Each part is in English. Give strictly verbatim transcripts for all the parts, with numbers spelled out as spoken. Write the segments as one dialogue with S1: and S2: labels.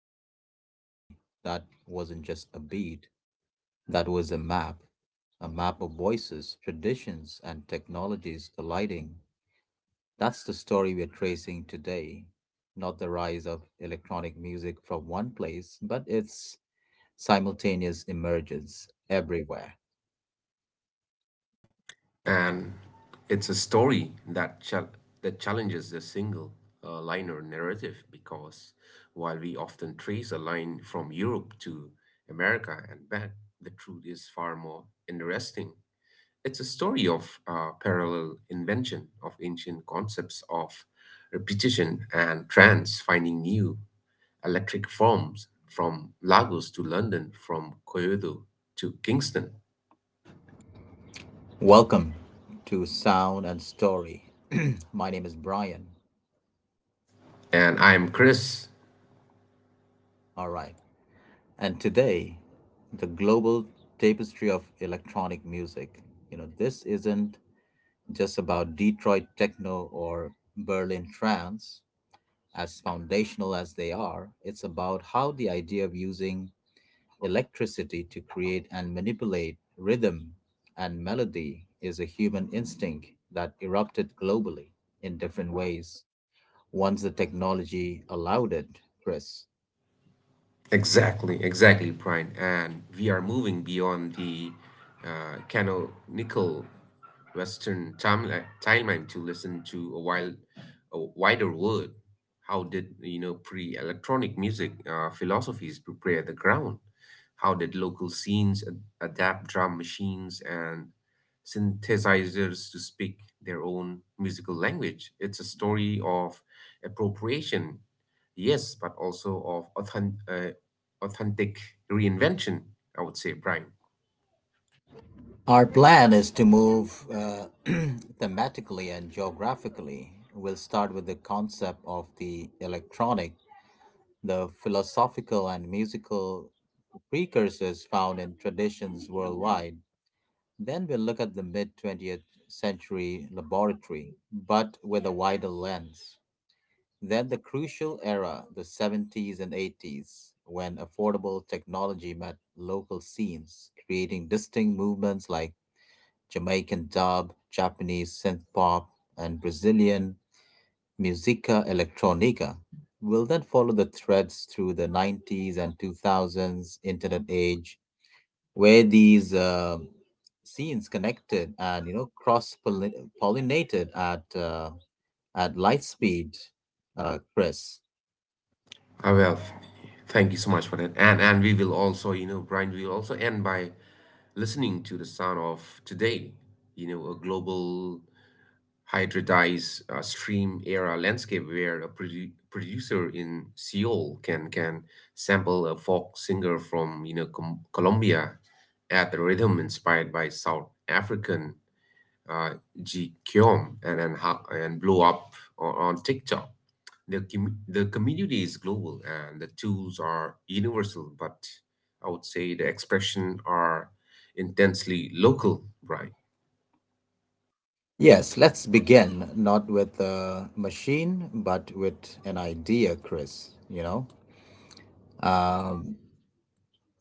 S1: listen closely, that wasn't just a beat, that was a map. A map of voices, traditions, and technologies colliding. That's the story we're tracing today. Not the rise of electronic music from one place, but its simultaneous emergence everywhere.
S2: And it's a story that chal that challenges the single uh, liner narrative because while we often trace a line from Europe to America and back, the truth is far more interesting. It's a story of uh, parallel invention of ancient concepts of repetition and trance finding new electric forms from Lagos to London, from Kyoto to Kingston.
S1: Welcome to Sound and Story. My name is Brian.
S2: And I'm Chris.
S1: All right. And today, the global tapestry of electronic music, you know, this isn't just about Detroit techno or Berlin trance, as foundational as they are, it's about how the idea of using electricity to create and manipulate rhythm and melody is a human instinct that erupted globally in different ways once the technology allowed it, Chris.
S2: Exactly, exactly, Brian. And we are moving beyond the uh, canonical Western timeli- timeline to listen to a wild, a wider world. How did you know pre-electronic music uh, philosophies prepare the ground? How did local scenes ad- adapt drum machines and synthesizers to speak their own musical language? It's a story of appropriation, yes, but also of authentic, authentic reinvention, I would say, Brian.
S1: Our plan is to move uh, thematically and geographically. We'll start with the concept of the electronic, the philosophical and musical precursors found in traditions worldwide. Then we'll look at the mid twentieth century laboratory, but with a wider lens. Then the crucial era, the seventies and eighties, when affordable technology met local scenes, creating distinct movements like Jamaican dub, Japanese synth pop, and Brazilian musica electrónica. Will then follow the threads through the nineties and two thousands internet age, where these uh, scenes connected and you know cross pollinated at uh, at light speed, uh, Chris.
S2: Ah, well, thank you so much for that. And and we will also, you know, Brian, we will also end by listening to the sound of today, you know, a global hybridized uh, stream era landscape where a produ- producer in Seoul can can sample a folk singer from, you know, Com- Colombia at the rhythm inspired by South African uh, G Kyom and and, ho- and blow up on, on TikTok. The, com- the community is global and the tools are universal, but I would say the expression are intensely local, right?
S1: Yes, let's begin not with a machine, but with an idea, Chris. You know, Um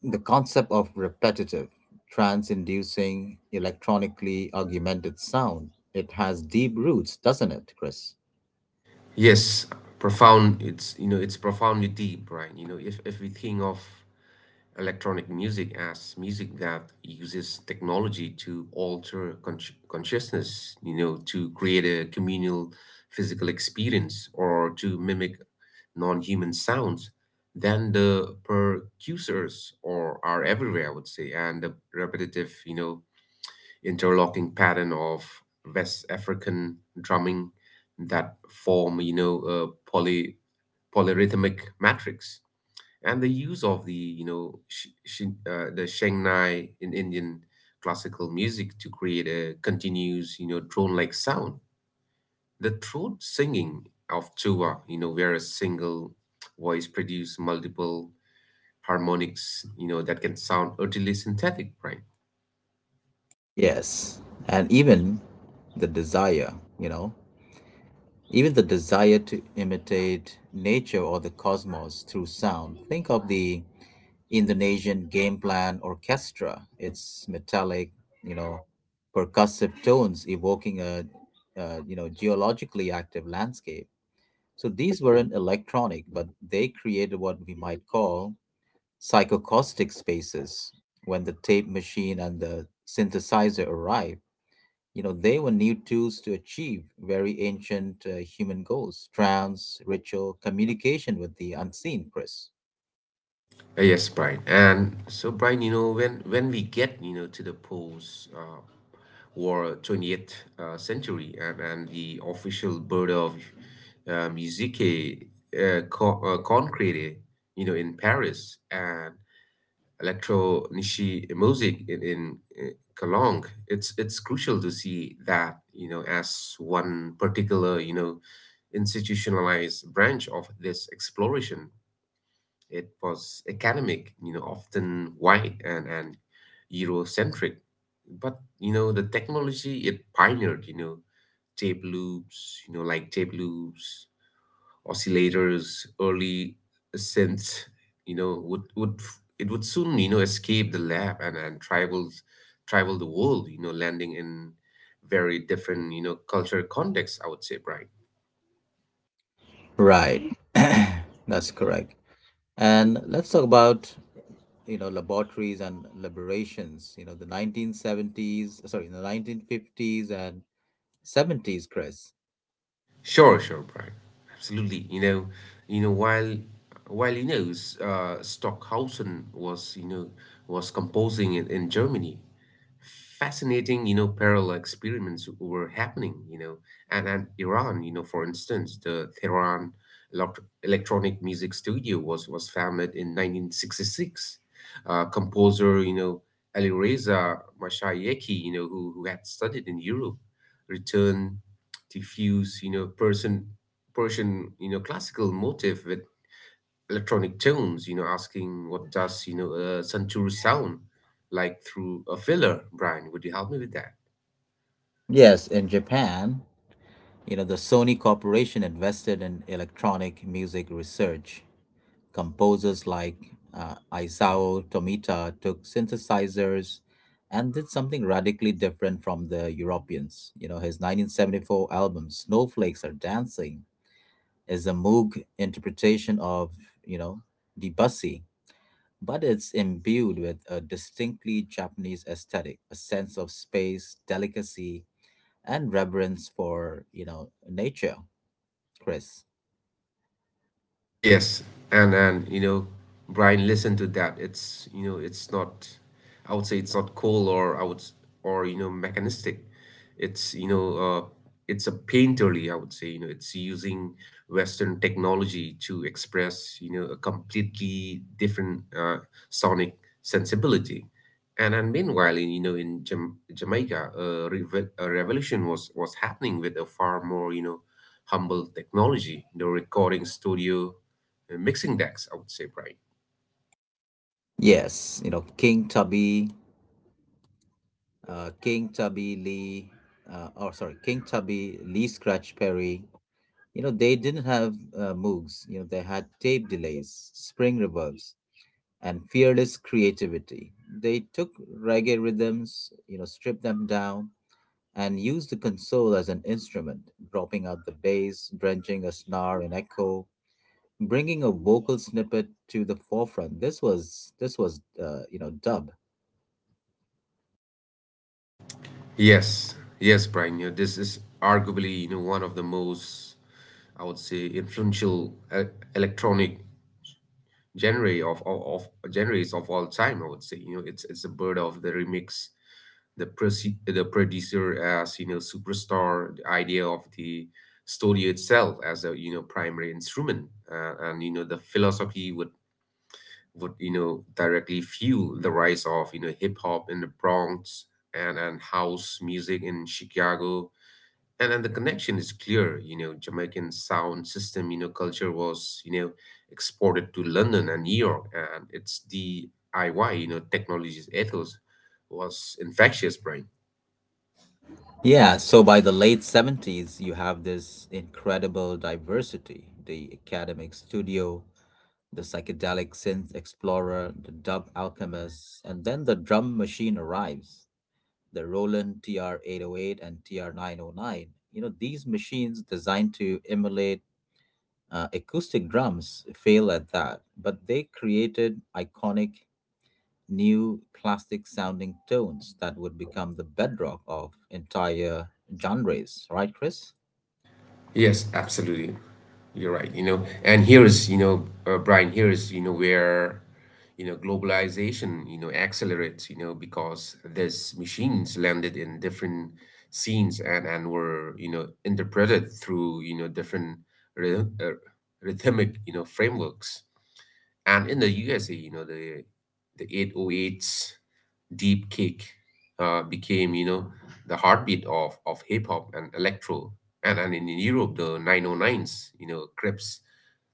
S1: The concept of repetitive, trance-inducing, electronically augmented sound, it has deep roots, doesn't it, Chris?
S2: Yes, profound. It's you know it's profoundly deep, right? You know if if we think of electronic music as music that uses technology to alter consci consciousness, you know, to create a communal physical experience or to mimic non-human sounds, then the percussors or are everywhere, I would say, and the repetitive, you know, interlocking pattern of West African drumming that form, you know, a poly polyrhythmic matrix and the use of the you know sh- shin uh, the Shangnai in Indian classical music to create a continuous you know drone-like sound. The throat singing of tuba, you know, where a single voice produces multiple harmonics, you know, that can sound utterly synthetic, right?
S1: Yes. And even the desire, you know, even the desire to imitate nature or the cosmos through sound. Think of the Indonesian game plan orchestra. Its metallic, you know, percussive tones evoking a, uh, you know, geologically active landscape. So these weren't electronic, but they created what we might call psychocaustic spaces. When the tape machine and the synthesizer arrived, you know, they were new tools to achieve very ancient uh, human goals, trance, ritual, communication with the unseen, Chris.
S2: Uh, Yes, Brian. And so, Brian, you know, when when we get, you know, to the pose, uh, or twentieth uh, century and, and the official bird of uh, musique uh, co- uh, concrete you know in Paris and electro niche music in, in uh, Cologne. it's it's crucial to see that you know as one particular you know institutionalized branch of this exploration it was academic, you know, often white, and, and Eurocentric. But you know, the technology it pioneered, you know, tape loops, you know, like tape loops, oscillators, early synths, you know, would would f- it would soon, you know, escape the lab and, and travel travel the world, you know, landing in very different, you know, cultural contexts, I would say, Brian.
S1: Right. That's correct. And let's talk about you know laboratories and liberations. You know the nineteen seventies, sorry, the nineteen fifties and seventies, Chris.
S2: Sure, sure, Brian. Absolutely. You know, you know, while while you know, s- uh, Stockhausen was you know was composing in, in Germany, fascinating you know parallel experiments were happening you know and and Iran, you know, for instance the Tehran elect- electronic music studio was was founded in nineteen sixty-six. Uh, composer you know Alireza Mashayekhi you know who, who had studied in Europe, returned to fuse you know persian persian you know classical motif with electronic tones, you know, asking what does, you know, a santoor sound like through a filler, Brian? Would you help me with that?
S1: Yes, in Japan, you know, the Sony Corporation invested in electronic music research. Composers like uh, Isao Tomita took synthesizers and did something radically different from the Europeans. You know, his nineteen seventy-four album Snowflakes Are Dancing is a Moog interpretation of, you know, Debussy, but it's imbued with a distinctly Japanese aesthetic, a sense of space, delicacy, and reverence for you know nature, Chris.
S2: Yes, and and you know, Brian, listen to that. It's you know, it's not. I would say it's not cool or I would s- or you know mechanistic. It's you know, uh, it's a painterly. I would say you know, it's using Western technology to express you know a completely different uh, sonic sensibility. And and meanwhile, in, you know, in Jam Jamaica, a, revo a revolution was was happening with a far more you know humble technology. The recording studio, uh, mixing decks, I would say, Brian.
S1: Yes, you know, King Tubby, uh king tubby lee uh oh sorry king Tubby Lee Scratch Perry, you know they didn't have uh, Moogs. You know, they had tape delays, spring reverbs, and fearless creativity. They took reggae rhythms, you know, stripped them down, and used the console as an instrument, dropping out the bass, drenching a snare in echo, bringing a vocal snippet to the forefront. This was this was uh, you know, dub.
S2: Yes, yes, Brian. You know, this is arguably, you know, one of the most, I would say, influential uh, electronic genre of, of of genres of all time. I would say, you know, it's it's the bird of the remix, the proce- the producer as you know superstar, the idea of the studio itself as a you know primary instrument, uh, and you know the philosophy with would you know directly fuel the rise of you know hip hop in the Bronx and and house music in Chicago. And and the connection is clear. You know, Jamaican sound system, you know, culture was you know exported to London and New York, and it's D I Y, you know, technology's ethos was infectious, Brian.
S1: Yeah, so by the late seventies you have this incredible diversity, the academic studio, the psychedelic synth explorer, the dub alchemist, and then the drum machine arrives, the Roland T R eight hundred eight and T R nine hundred nine. You know, these machines designed to emulate uh, acoustic drums fail at that, but they created iconic new classic sounding tones that would become the bedrock of entire genres, right, Chris?
S2: Yes, absolutely. You're right, you know, and here is, you know, uh, Brian, here is, you know, where, you know, globalization, you know, accelerates, you know, because these machines landed in different scenes and and were, you know, interpreted through, you know, different rhy- uh, rhythmic, you know, frameworks. And in the U S A, you know, the the eight oh eights deep kick uh, became you know the heartbeat of of hip hop and electro and, and in Europe the nine oh nines you know Crips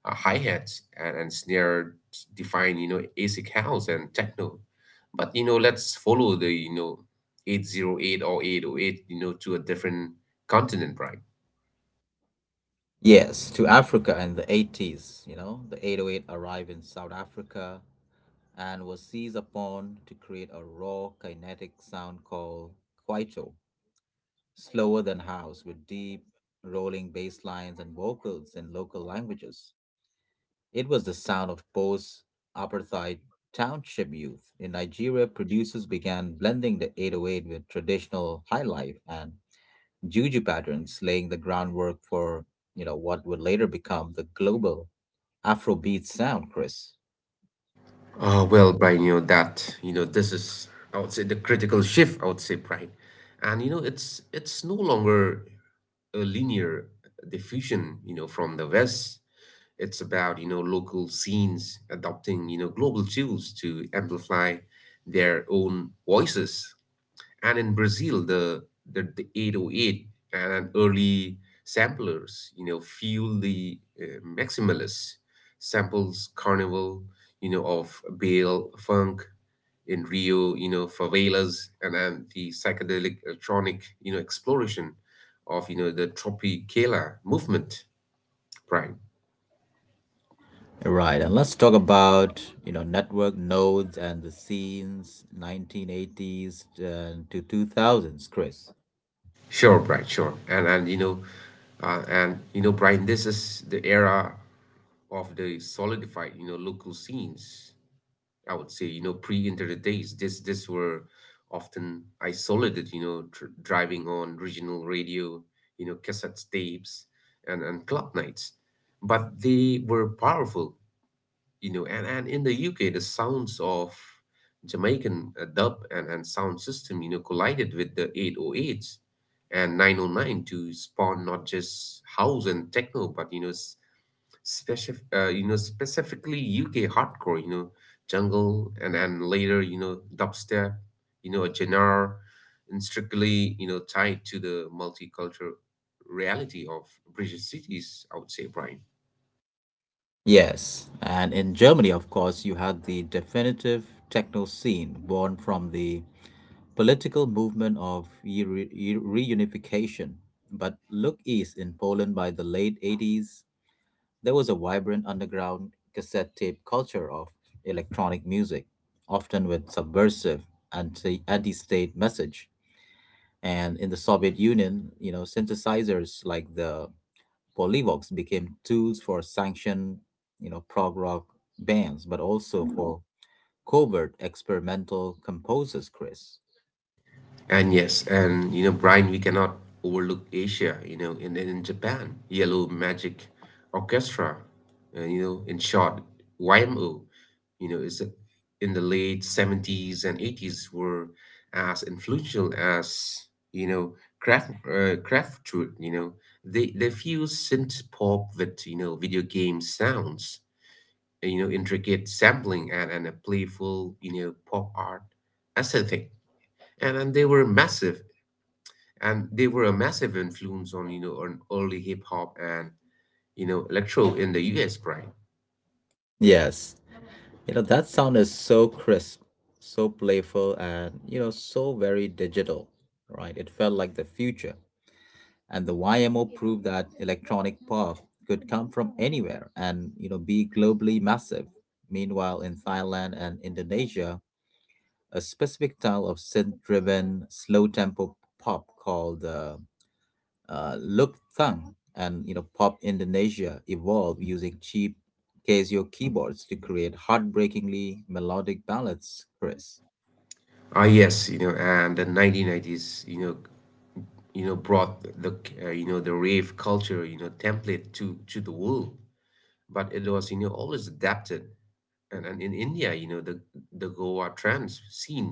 S2: uh, hi-hats and, and snare define you know ASIC house and techno, but you know let's follow the you know eight oh eight or eight oh eight you know to a different continent, right?
S1: Yes, to Africa in the eighties, you know, the eight oh eight arrived in South Africa and was seized upon to create a raw kinetic sound called kwaito, slower than house with deep rolling bass lines and vocals in local languages. It was the sound of post apartheid township youth in Nigeria. Producers began blending the eight oh eight with traditional highlife and juju patterns, laying the groundwork for you know what would later become the global Afrobeat sound, Chris.
S2: Uh, well, Brian, you know that you know this is I would say the critical shift. I would say, Brian, and you know it's it's no longer a linear diffusion. You know, from the West, it's about you know local scenes adopting you know global tools to amplify their own voices and in Brazil, the the, the eight oh eight and early samplers, you know, fuel the uh, maximalist samples carnival, you know, of Bale funk in Rio, you know, favelas, and then the psychedelic electronic, you know, exploration of you know the Tropicala movement, Brian.
S1: Right, and let's talk about you know network nodes and the scenes nineteen eighties and to two thousands, Chris.
S2: Sure, Brian, sure, and and, you know, uh, and you know, Brian, this is the era of the solidified, you know, local scenes, I would say, you know, pre-internet days. This this were often isolated, you know, dr- driving on regional radio, you know, cassette tapes and, and club nights. But they were powerful, you know, and, and in the U K, the sounds of Jamaican uh, dub and, and sound system, you know, collided with the eight oh eights and nine oh nine to spawn not just house and techno, but, you know, s- specific, uh, you know, specifically U K hardcore, you know, jungle, and then later, you know, dubstep, you know, a genre strictly, you know, tied to the multicultural reality of British cities. I would say, Brian.
S1: Yes, and in Germany, of course, you had the definitive techno scene born from the political movement of eu- eu- reunification. But look east in Poland by the late eighties, there was a vibrant underground cassette tape culture of electronic music, often with subversive anti anti state message. And in the Soviet Union, you know, synthesizers like the Polyvox became tools for sanctioned, you know, prog rock bands, but also for covert experimental composers, Chris.
S2: And yes, and you know, Brian, we cannot overlook Asia, you know, and then in Japan, Yellow Magic Orchestra, and you know, in short, Y M O, you know, is a- in the late seventies and eighties were as influential as, you know, craft uh, Kraftwerk, you know. They they fuse synth pop with, you know, video game sounds, and, you know, intricate sampling and, and a playful, you know, pop art aesthetic and, and they were massive and they were a massive influence on you know on early hip hop and you know electro in the U S, right?
S1: Yes. You know, that sound is so crisp, so playful, and, you know, so very digital, right? It felt like the future. And the Y M O proved that electronic pop could come from anywhere and, you know, be globally massive. Meanwhile, in Thailand and Indonesia, a specific style of synth-driven, slow-tempo pop called uh, uh, Luk Thang, and you know, pop Indonesia evolved using cheap Casio keyboards to create heartbreakingly melodic ballads, Chris.
S2: Ah, yes, you know, and the nineteen nineties, you know, you know, brought the uh, you know the rave culture, you know, template to to the world, but it was you know always adapted. And, and in India, you know, the the Goa trance scene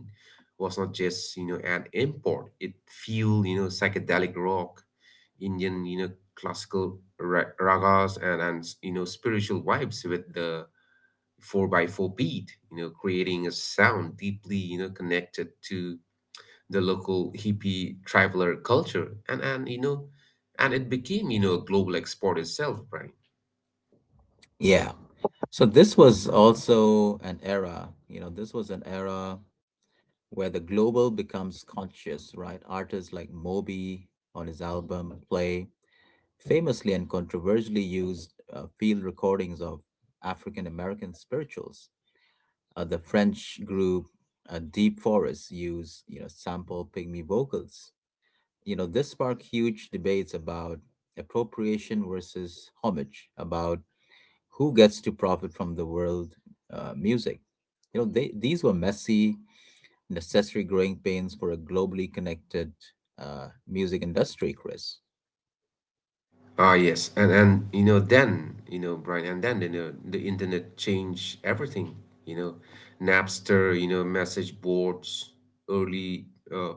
S2: was not just you know an import; it fueled you know psychedelic rock, Indian you know classical ra- ragas, and and you know spiritual vibes with the four by four beat, you know, creating a sound deeply, you know, connected to the local hippie traveler culture. And and you know, and it became, you know, a global export itself, right?
S1: Yeah. So this was also an era, you know, this was an era where the global becomes conscious, right? Artists like Moby on his album Play famously and controversially used uh, field recordings of African American spirituals. Uh, the French group uh, Deep Forest used, you know, sample pygmy vocals. You know, this sparked huge debates about appropriation versus homage, about who gets to profit from the world uh, music. You know, they, these were messy, necessary growing pains for a globally connected uh, music industry, Chris.
S2: Ah, yes, and and you know then you know Brian, and then you know the internet changed everything. You know, Napster, you know, message boards, early uh,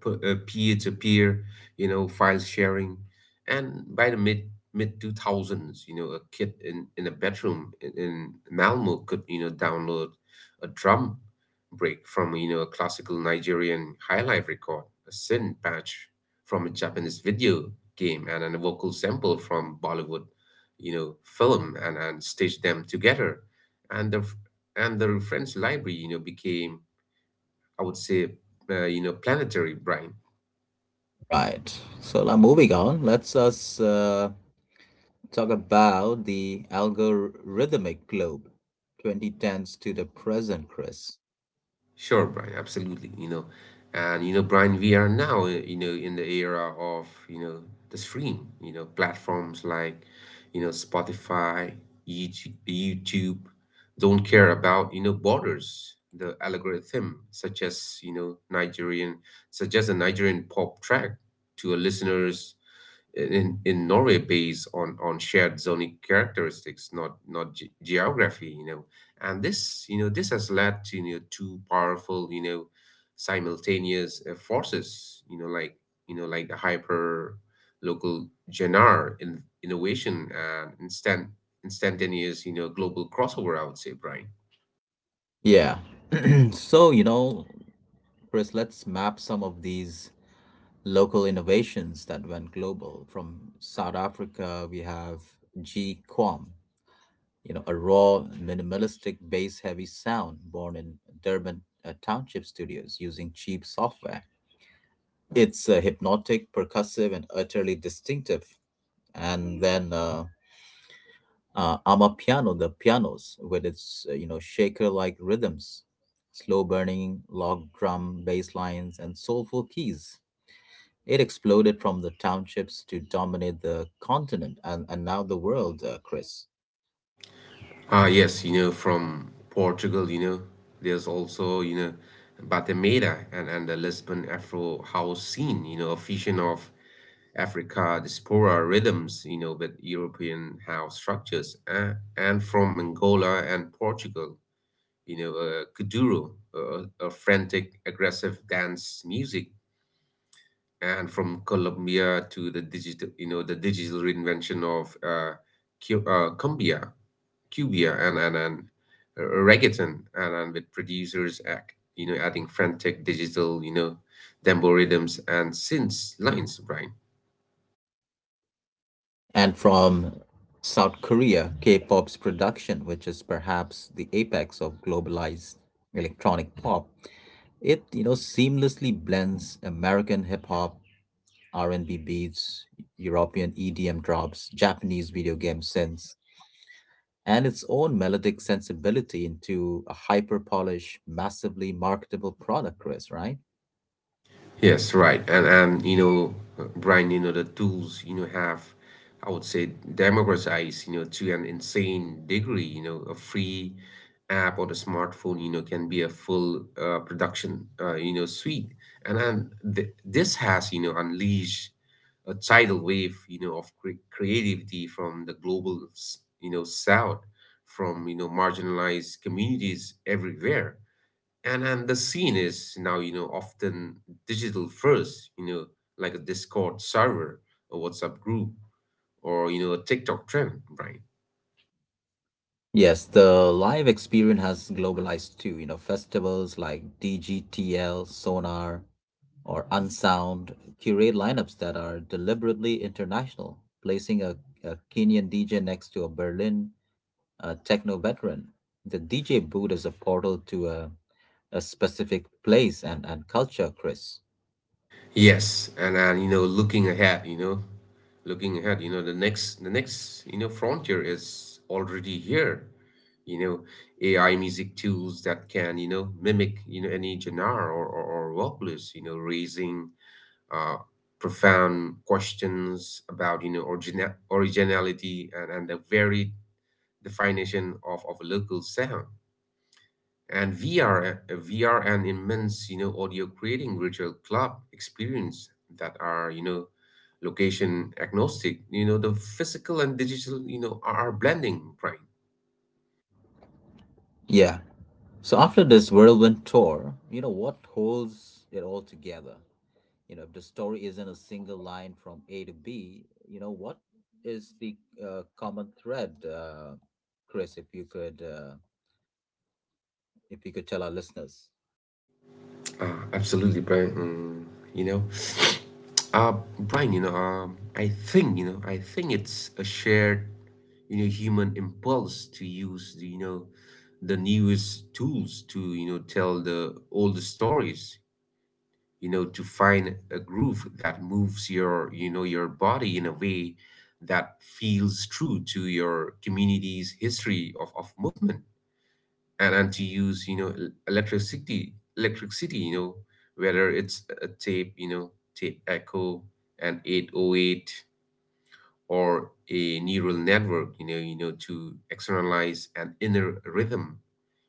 S2: p- uh, peer-to-peer, you know, file sharing, and by the mid mid two thousands, you know, a kid in in a bedroom in, in Malmo could you know download a drum break from you know a classical Nigerian highlife record, a sin patch from a Japanese video game and a vocal sample from Bollywood, you know, film and, and stitched them together. And the and the reference library, you know, became, I would say, uh, you know, planetary, Brian.
S1: Right. So now moving on, let's us uh, talk about the algorithmic globe, twenty tens to the present, Chris.
S2: Sure, Brian, absolutely. You know, and you know, Brian, we are now, uh, you know, in the era of, you know, the stream, you know, platforms like, you know, Spotify, YouTube, YouTube don't care about, you know, borders. The algorithm, such as, you know, Nigerian, such as a Nigerian pop track to a listeners in in Norway based on on shared zoning characteristics, not not ge- geography, you know. And this, you know, this has led to you know two powerful, you know, simultaneous uh, forces, you know, like you know, like the hyper local genre in, innovation and instant instantaneous, you know, global crossover. I would say, Brian.
S1: Yeah. So you know, Chris, let's map some of these local innovations that went global. From South Africa, we have G Quam, you know, a raw, minimalistic, bass-heavy sound born in Durban uh, township studios using cheap software. It's uh, hypnotic, percussive, and utterly distinctive. And then uh, uh, Amapiano, the pianos, with its uh, you know shaker-like rhythms, slow burning log drum bass lines, and soulful keys. It exploded from the townships to dominate the continent and, and now the world, uh, Chris.
S2: Ah, yes, you know, from Portugal, you know, there's also, you know, Batemeira and, and the Lisbon Afro house scene, you know, a fusion of Africa diaspora rhythms, you know, with European house structures. Uh, and from Angola and Portugal, you know, uh, Kuduro, uh, a frantic, aggressive dance music. And from Colombia to the digital, you know, the digital reinvention of uh, Cu- uh, cumbia Cubia and and and uh, reggaeton, and, and with producers act you know adding frantic digital you know dembo rhythms and synth lines, Brian.
S1: And from South Korea, K-pop's production, which is perhaps the apex of globalized electronic pop, it, you know, seamlessly blends American hip hop, R and B beats, European E D M drops, Japanese video game synths, and its own melodic sensibility into a hyper polished, massively marketable product, Chris, right?
S2: Yes, right. And and, you know, Brian, you know, the tools, you know, have, I would say, democratized, you know, to an insane degree. You know, a free app or the smartphone, you know, can be a full uh, production, uh, you know, suite. And and th this has, you know, unleashed a tidal wave, you know, of cre creativity from the global, s- you know, south, from, you know, marginalized communities everywhere, and and the scene is now you know often digital first, you know like a Discord server, a WhatsApp group, or you know a TikTok trend, right?
S1: Yes, the live experience has globalized too. You know, festivals like D G T L, Sonar, or Unsound curate lineups that are deliberately international, placing a, a Kenyan D J next to a Berlin a techno veteran. The D J booth is a portal to a, a specific place and, and culture, Chris.
S2: Yes, and and you know looking ahead you know looking ahead, you know the next the next, you know frontier is already here. you know AI music tools that can you know mimic you know any genre or or, or vocalist, you know raising uh, profound questions about you know origina- originality, and, and the varied definition of, of a local sound. And VR, uh, vr, an immense, you know audio creating virtual club experience that are, you know location agnostic. You know the physical and digital, you know are, are blending, Brian.
S1: Yeah. So after this whirlwind tour, you know, what holds it all together? You know, if the story isn't a single line from A to B, you know, what is the uh, common thread, uh, Chris, if you could uh, if you could tell our listeners?
S2: Uh, absolutely, Brian. mm, you know uh, Brian, you know um, I think you know I think it's a shared, you know human impulse to use the, you know the newest tools to you know tell the old stories, you know to find a groove that moves your you know your body in a way that feels true to your community's history of, of movement. And and to use you know el- electricity electricity, you know whether it's a tape, you know tape echo and eight oh eight, or a neural network, you know, you know, to externalize an inner rhythm,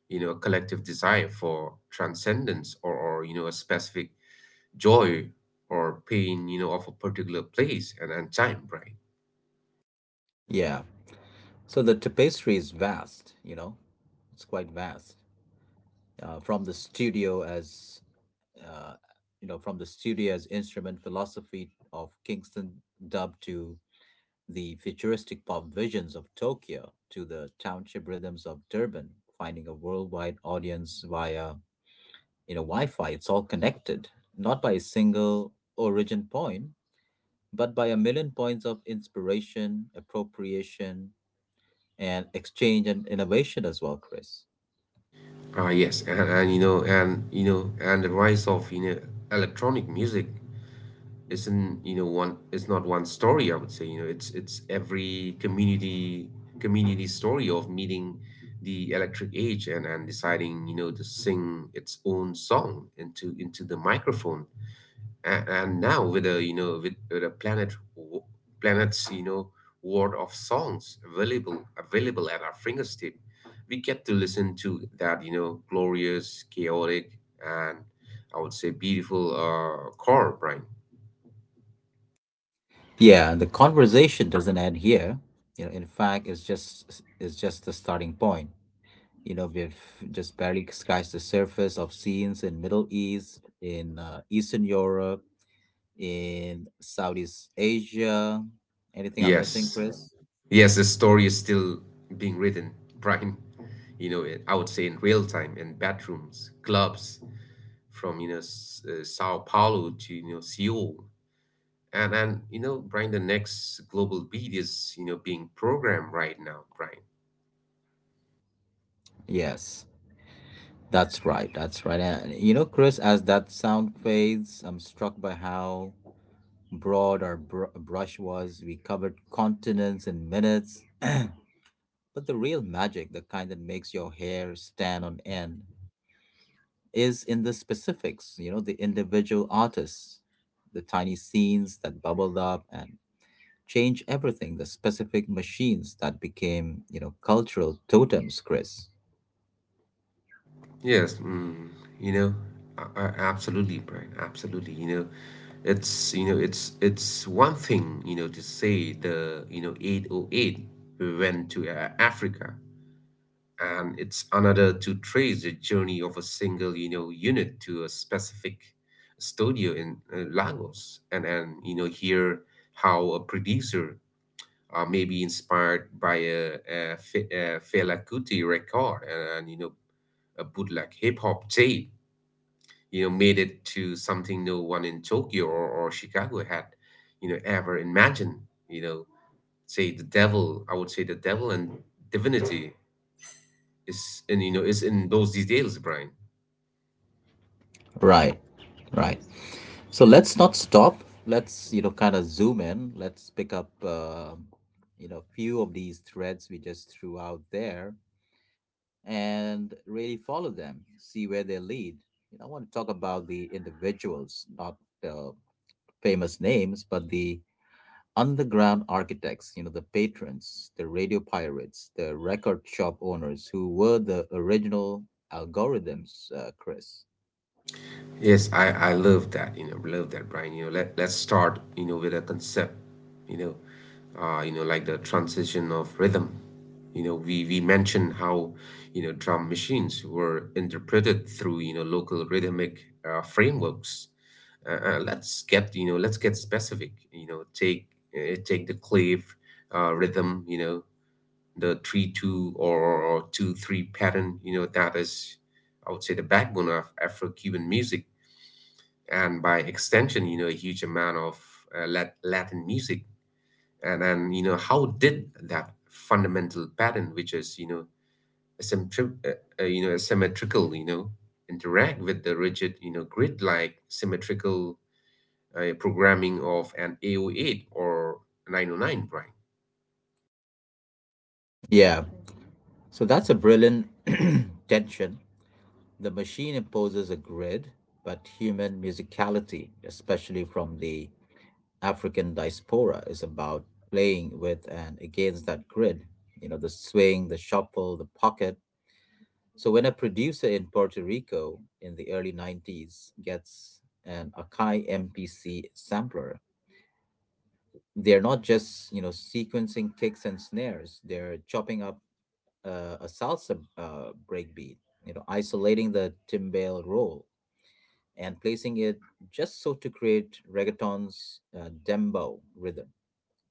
S2: you know, a collective desire for transcendence, or, or you know, a specific joy or pain, you know, of a particular place and, and time, right?
S1: Yeah. So the tapestry is vast, you know, it's quite vast. Uh, from the studio, as you know, from the studio's instrument philosophy of Kingston dub to the futuristic pop visions of Tokyo to the township rhythms of Durban, finding a worldwide audience via, you know, Wi-Fi. It's all connected, not by a single origin point, but by a million points of inspiration, appropriation, and exchange and innovation as well, Chris.
S2: Ah, yes, and, and you know, and you know, and the rise of you know electronic music isn't you know one. It's not one story, I would say. you know it's it's every community community story of meeting the electric age, and and deciding, you know to sing its own song into into the microphone. And, and now with a, you know with, with a planet w- planets, you know world of songs, available available at our fingertip. We get to listen to that, you know glorious, chaotic, and, I would say, beautiful uh core, Brian.
S1: Yeah, the conversation doesn't end here. You know, in fact, it's just it's just the starting point. You know, we've just barely scratched the surface of scenes in Middle East, in uh, Eastern Europe, in Southeast Asia. Anything I'm missing,
S2: Yes.
S1: Chris?
S2: Yes, the story is still being written, Brian. You know, I would say in real time, in bathrooms, clubs, from, you know, S- uh, Sao Paulo to, you know, Seoul. And, and, you know, Brian, the next global beat is, you know, being programmed right now, Brian.
S1: Yes, that's right. That's right. And you know, Chris, as that sound fades, I'm struck by how broad our br- brush was. We covered continents in minutes. But the real magic, the kind that makes your hair stand on end, is in the specifics, you know, the individual artists, the tiny scenes that bubbled up and changed everything, the specific machines that became, you know, cultural totems, Chris.
S2: Yes, mm, you know, I, I, absolutely, Brian, absolutely. You know, it's you know, it's it's one thing, you know, to say the, you know eight oh eight we went to uh, Africa, and it's another to trace the journey of a single, you know unit to a specific studio in uh, Lagos, and and you know hear how a producer, uh, may be inspired by a, a, Fe- a Fela Kuti record, and, and you know a bootleg hip hop tape, you know made it to something no one in Tokyo or, or Chicago had, you know ever imagined. you know say the devil I would say the devil and divinity, it's and you know it's in those details, Brian.
S1: Right, right. So let's not stop. Let's, you know, kind of zoom in. Let's pick up, um you know, few of these threads we just threw out there and really follow them, see where they lead. You know, I want to talk about the individuals, not the famous names, but the underground architects, you know, the patrons, the radio pirates, the record shop owners who were the original algorithms, uh, Chris.
S2: Yes, I I love that. You know, love that, Brian. You know, let let's start. You know, with a concept. You know, uh, you know, like the transition of rhythm. You know, we we mentioned how you know drum machines were interpreted through you know local rhythmic uh, frameworks. Uh, uh, let's get you know let's get specific. You know, take uh, take the clave uh, rhythm. You know, the three two or, or two three pattern, you know that is, I would say, the backbone of Afro-Cuban music, and by extension, you know a huge amount of uh, Lat- Latin music. And then, you know how did that fundamental pattern, which is, you know asymmetri- uh, uh, you know asymmetrical, you know interact with the rigid, you know grid like symmetrical uh, programming of an a oh eight or nine oh nine, right?
S1: Yeah. So that's a brilliant tension. The machine imposes a grid, but human musicality, especially from the African diaspora is about playing with and against that grid, you know, the swing, the shuffle, the pocket. So when a producer in Puerto Rico in the early nineties gets an Akai M P C sampler, they're not just, you know, sequencing kicks and snares, they're chopping up uh, a salsa uh, breakbeat, you know, isolating the timbale roll and placing it just so to create reggaeton's uh, dembo rhythm.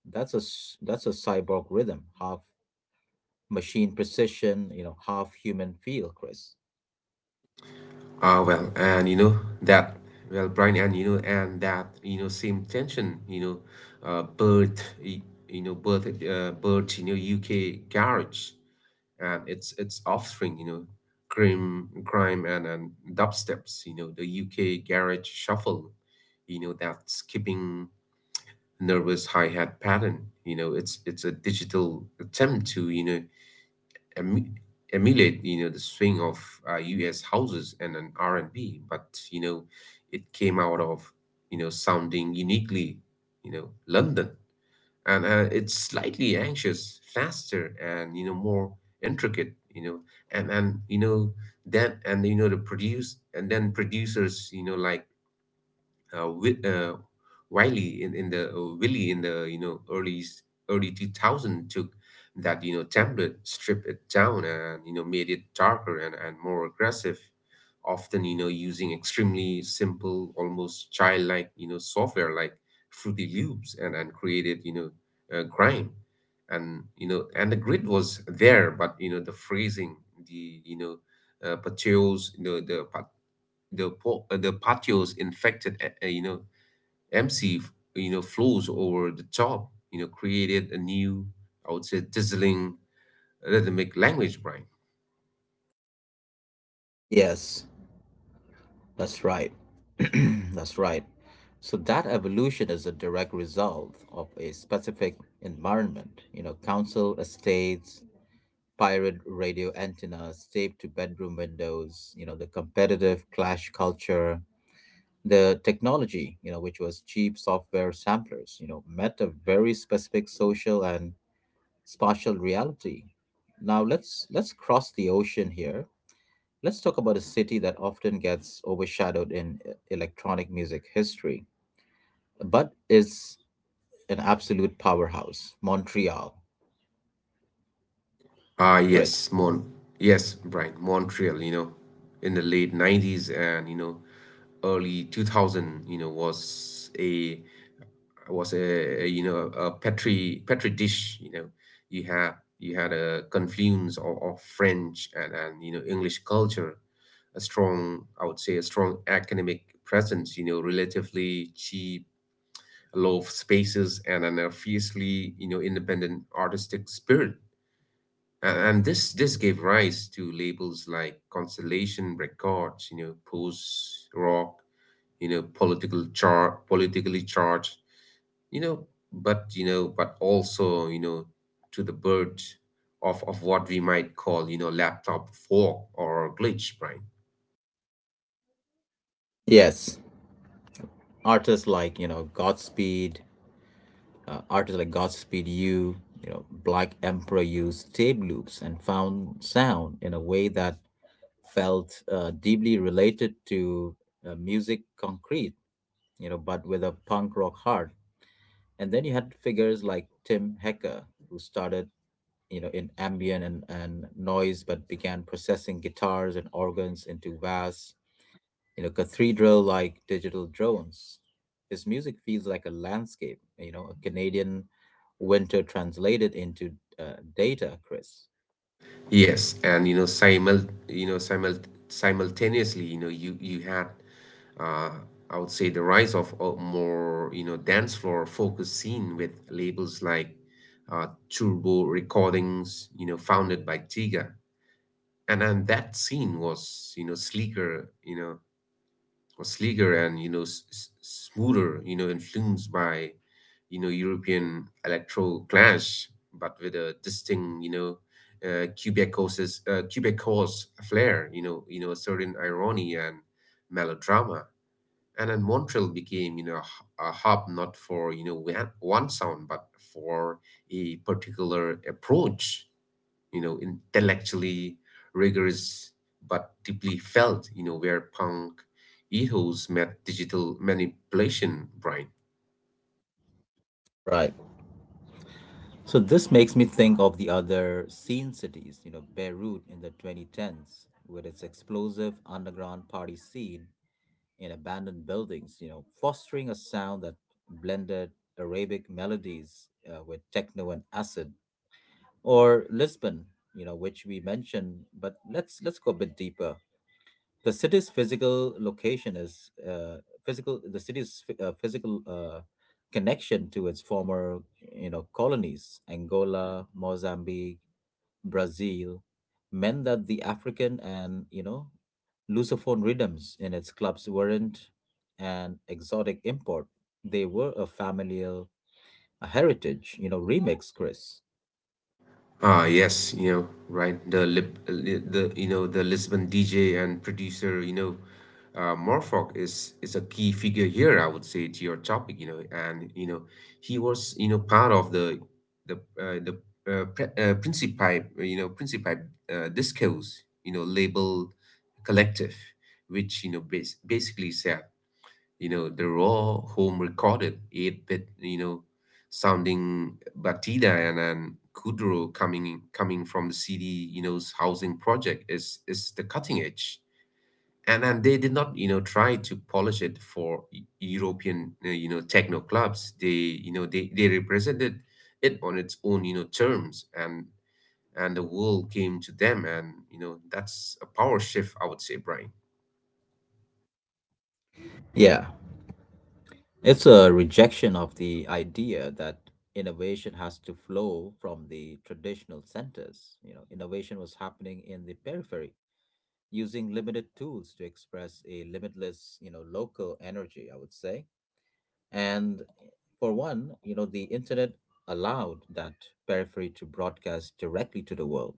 S1: That's a s- that's a cyborg rhythm, half machine precision, you know, half human feel, Chris.
S2: Ah, well, and you know that, well, Brian, and you know, and that, you know, same tension, you know, uh, birth, y- you know, birth, uh, birth, you know, U K garage, and its its offspring, you know, crime, crime, and and dubsteps, you know, the U K garage shuffle, you know, that skipping nervous hi hat pattern. you know, it's it's a digital attempt to, you know, emu- emulate, you know the swing of uh, U S houses and an R and B. But, you know it came out of, you know sounding uniquely, you know London and, uh, it's slightly anxious, faster, and, you know more intricate. You know and and you know that, and you know the produce and then producers, you know like uh, wi- uh, Wiley in, in the, uh, Willie in the, you know early s- early two thousand, took that, you know template, stripped it down, and, you know made it darker, and, and more aggressive. Often, you know using extremely simple, almost childlike, you know software like Fruity Loops, and and created, you know uh, grime. And you know And the grid was there, but, you know the phrasing, the you know uh, pateos, you know the the po- uh, the patios infected, uh, uh, you know M C f- you know flows over the top, you know created a new, I would say, dazzling rhythmic language, Brian.
S1: Yes, that's right. That's right. So that evolution is a direct result of a specific environment. You know, council estates, pirate radio antennas taped to bedroom windows, you know, the competitive clash culture, the technology, you know, which was cheap software samplers, you know, met a very specific social and spatial reality. Now let's let's cross the ocean here. Let's talk about a city that often gets overshadowed in e- electronic music history, but is an absolute powerhouse, Montreal.
S2: ah
S1: Chris.
S2: yes Mon yes, Brian, Montreal, you know in the late nineties and, you know early two thousands, you know was a was a, a, you know a petri petri dish. you know you had you had a confluence of, of French, and, and you know English culture. A strong, I would say, a strong academic presence, you know relatively cheap low spaces, and an a fiercely, you know independent artistic spirit. And, and this this gave rise to labels like Constellation Records, you know post rock, you know political char- politically charged, you know but you know but also, you know to the birth of of what we might call, you know laptop fork or glitch, Brian.
S1: Yes, artists like, you know, Godspeed, uh, artists like Godspeed You, you know, Black Emperor used tape loops and found sound in a way that felt uh, deeply related to uh, music concrete, you know, but with a punk rock heart. And then you had figures like Tim Hecker, who started, you know, in ambient and, and noise, but began processing guitars and organs into vast, you know, cathedral like digital drones. His music feels like a landscape, you know, a Canadian winter translated into uh, data, Chris.
S2: Yes, and, you know simul you know simul simultaneously, you know you you had, uh I would say, the rise of a more, you know dance floor focused scene with labels like uh, Turbo Recordings, you know founded by Tiga. And and that scene was, you know sleeker, you know Or sleeker and, you know s- s- smoother, you know influenced by, you know European electro clash, but with a distinct, you know uh, quebecose's uh, quebecose flair, you know you know a certain irony and melodrama. And then Montreal became, you know a hu- a hub, not for, you know one one sound, but for a particular approach, you know, intellectually rigorous but deeply felt, you know, where punk ethos met digital manipulation, Brian.
S1: Right. So this makes me think of the other scene cities, you know, Beirut in the twenty tens, with its explosive underground party scene in abandoned buildings, you know, fostering a sound that blended Arabic melodies uh, with techno and acid. Or Lisbon, you know, which we mentioned, but let's let's go a bit deeper. The city's physical location is uh, physical. The city's phy- uh, physical uh, connection to its former, you know, colonies, Angola, Mozambique, Brazil, meant that the African and, you know, Lusophone rhythms in its clubs weren't an exotic import. They were a familial, a heritage, you know, remix, Chris.
S2: Ah, yes, you know, right. The lip, li- the you know, the Lisbon D J and producer, you know, uh, Morfog is is a key figure here, I would say, to your topic, you know, and you know, he was, you know, part of the the uh, the uh, pre uh, Principi, you know, Principi uh, Discos, you know, label collective, which, you know, bas basically sa you know, the raw home recorded eight-bit, you know, sounding Batida and, and Kuduro coming coming from the C D, you know's housing project is is the cutting edge. And and they did not, you know, try to polish it for E- European, uh, you know, techno clubs. They, you know, they they represented it on its own, you know, terms, and and the world came to them, and, you know that's a power shift, I would say, Brian.
S1: Yeah. It's a rejection of the idea that innovation has to flow from the traditional centers. You know, innovation was happening in the periphery, using limited tools to express a limitless, you know, local energy, I would say. And for one, you know, the internet allowed that periphery to broadcast directly to the world,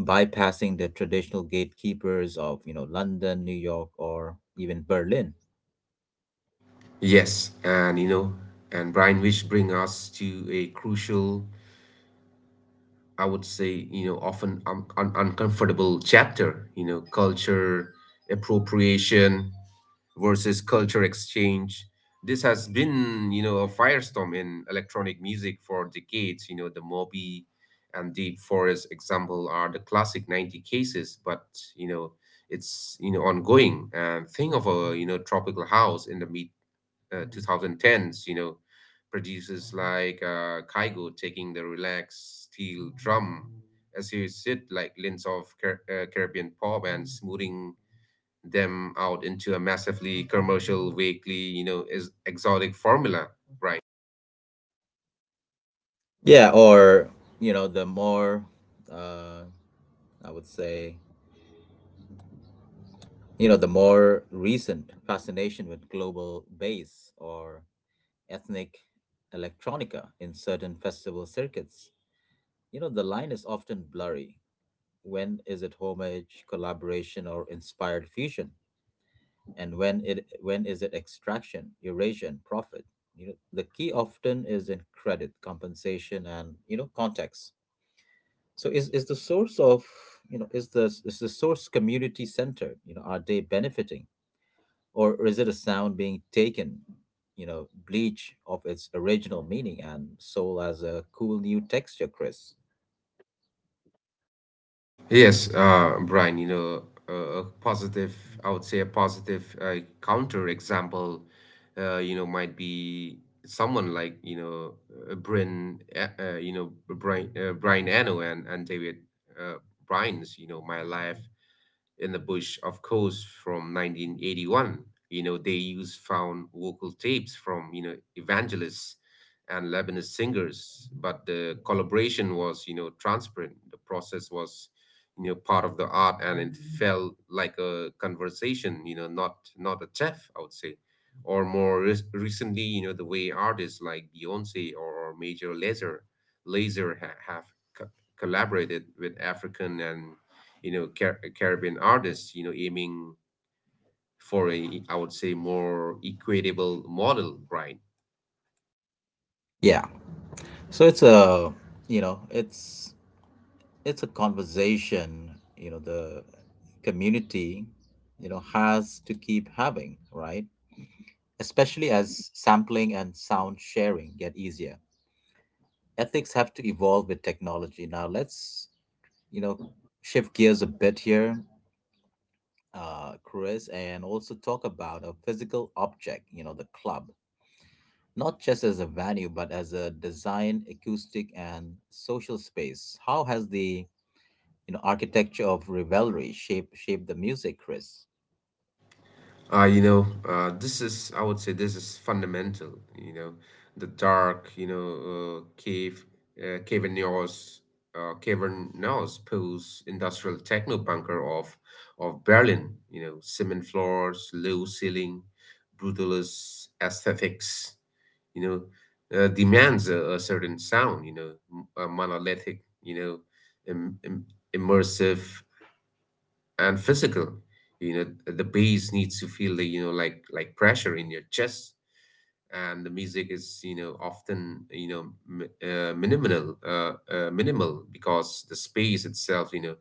S1: bypassing the traditional gatekeepers of, you know, London, New York, or even Berlin.
S2: Yes, and, you know, and Brian, which bring us to a crucial, I would say, you know, often un un uncomfortable chapter, you know, culture appropriation versus culture exchange. This has been, you know, a firestorm in electronic music for decades. You know, the Moby and Deep Forest example are the classic ninety cases, but, you know, it's, you know, ongoing. And think of a, you know, tropical house in the mid uh, two thousand tens, you know, producers like uh, Kygo taking the relaxed steel drum as you sit like lints of Car- uh, Caribbean pop and smoothing them out into a massively commercial, vaguely, you know, is exotic formula, right?
S1: Yeah, or, you know, the more, uh, I would say, you know, the more recent fascination with global bass or ethnic electronica in certain festival circuits. You know, the line is often blurry. When is it homage, collaboration, or inspired fusion? And when it when is it extraction, erasure, and profit? You know, the key often is in credit, compensation, and, you know, context. So is is the source of you know is the, is the source community centered? You know, are they benefiting? Or is it a sound being taken, you know, bleach of its original meaning and sold as a cool new texture, Chris?
S2: Yes, uh, Brian, you know, uh, a positive, I would say a positive uh, counter example, uh, you know, might be someone like, you know, uh, Bryn, uh, uh, you know, Brian, uh, Brian Eno and, and David uh, Bryan's, you know, My Life in the Bush, of course, from nineteen eighty-one. You know, they used found vocal tapes from, you know, evangelists and Lebanese singers, but the collaboration was, you know, transparent. The process was, you know, part of the art, and it felt like a conversation, you know, not not a chef, I would say. Or more re- recently, you know, the way artists like Beyonce or Major Lazer, Laser ha- have co- collaborated with African and you know Car- Caribbean artists, you know, aiming for a, I would say, more equitable model, right?
S1: Yeah. So it's a, you know, it's it's a conversation, you know, the community, you know, has to keep having, right? Especially as sampling and sound sharing get easier. Ethics have to evolve with technology. Now let's, you know, shift gears a bit here, uh, Chris, and also talk about a physical object, you know, the club, not just as a venue, but as a design, acoustic, and social space. How has the, you know, architecture of revelry shaped shaped the music, Chris?
S2: Uh, you know, uh, this is, I would say, this is fundamental. You know, the dark, you know, uh, cave, uh, cavernous, uh, cavernous pose, industrial techno bunker of of Berlin. You know, cement floors, low ceiling, brutalist aesthetics. You know, uh, Demands a, a certain sound. You know, m- a monolithic. You know, Im- im- Immersive and physical. You know, the bass needs to feel the, you know, like like pressure in your chest, and the music is, you know, often, you know, mi- uh, minimal, uh, uh, minimal, because the space itself, you know,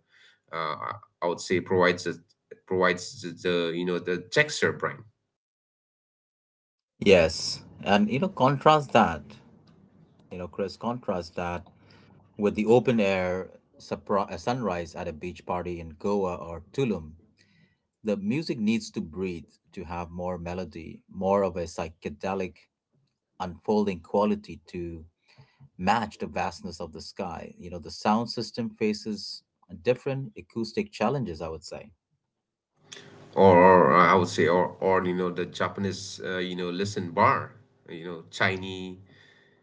S2: uh, I I would say provides a, provides the, the, you know, the texture, Brian.
S1: Yes, and you know, contrast that, you know, Chris, contrast that with the open air supri- uh, sunrise at a beach party in Goa or Tulum. The music needs to breathe, to have more melody, more of a psychedelic unfolding quality to match the vastness of the sky. You know, the sound system faces different acoustic challenges, I would say.
S2: Or, or uh, I would say, or, or you know, the Japanese, uh, you know, listen bar, you know, tiny,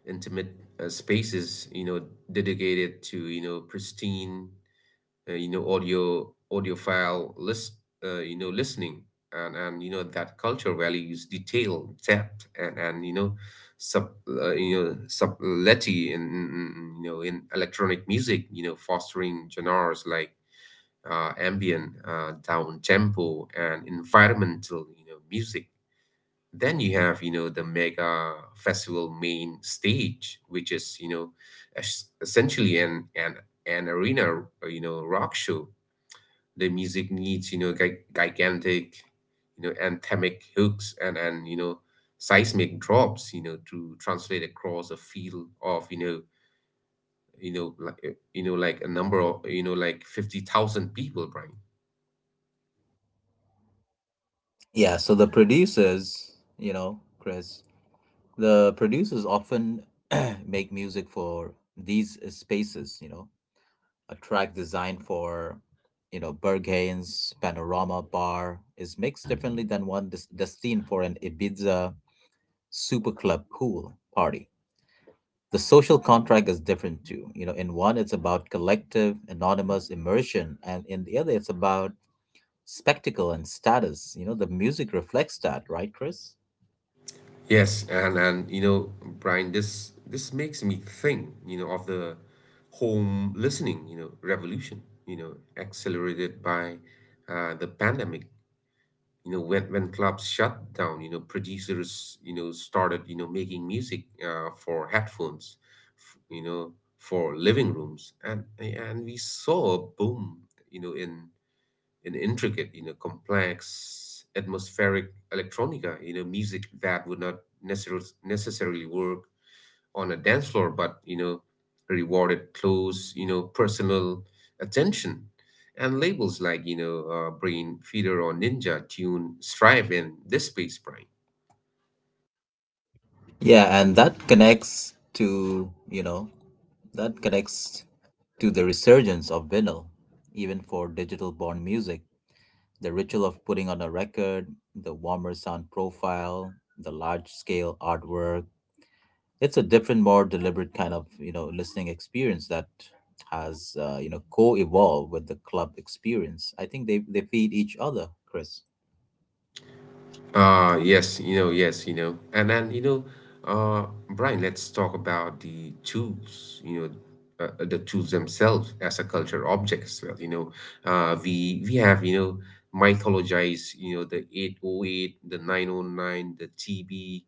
S2: intimate uh, spaces, you know, dedicated to, you know, pristine, uh, you know audio audiophile list, uh, you know listening. And and you know, that culture values detail, depth, and and you know, sub uh, you know subtlety in in- you know, in electronic music, you know, fostering genres like uh, ambient, uh, down tempo, and environmental, you know, music. Then you have, you know, the mega festival main stage, which is, you know, es- essentially an an an arena uh, you know, rock show. The music needs, you know, gi- gigantic, you know, anthemic hooks and and you know, seismic drops, you know, to translate across a field of, you know, you know, like uh, you know, like a number of, you know, like fifty thousand people, Brian.
S1: Yeah, so the producers, you know, Chris, the producers often make music for these spaces, you know. A track designed for, you know, Berghain's panorama bar is mixed differently than one des- destined for an Ibiza superclub pool party. The social contract is different too. You know, in one it's about collective anonymous immersion, and in the other it's about spectacle and status. You know, the music reflects that, right, Chris?
S2: Yes, and and you know, Brian, this this makes me think, you know, of the home listening, you know, revolution, you know, accelerated by uh, the pandemic. You know, when when clubs shut down, you know, producers, you know, started, you know, making music uh, for headphones, f- you know for living rooms. And and we saw a boom, you know, in in intricate, you know, complex, atmospheric electronica, you know, music that would not necessarily necessarily work on a dance floor, but, you know, rewarded close, you know, personal attention. And labels like, you know, uh, Brain Feeder or Ninja Tune Strive in this space, Brian.
S1: Yeah, and that connects to you know that connects to the resurgence of vinyl, even for digital born music. The ritual of putting on a record, the warmer sound profile, the large scale artwork. It's a different, more deliberate kind of, you know, listening experience that has, uh, you know, co-evolved with the club experience. I think they, they feed each other, Chris.
S2: Uh yes, you know, yes, you know. And then, you know, uh Brian, let's talk about the tools, you know, uh, uh, the tools themselves as a culture object as well, you know. Uh we we have, you know, mythologized, you know, the eight oh eight, the nine oh nine, the T B,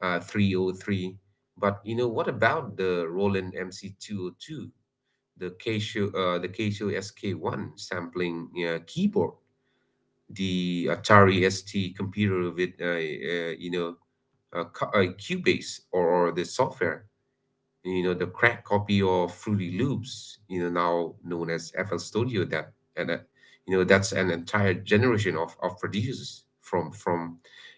S2: uh, three oh three. But you know, what about the Roland M C two oh two, the Casio, uh, the Casio S K one sampling uh, keyboard, the Atari S T computer with, uh, uh, you know, uh, cu- uh, Cubase, or, or the software? You know, the cracked copy of Fruity Loops, you know, now known as F L Studio. That, and uh, you know, that's an entire generation of of producers from from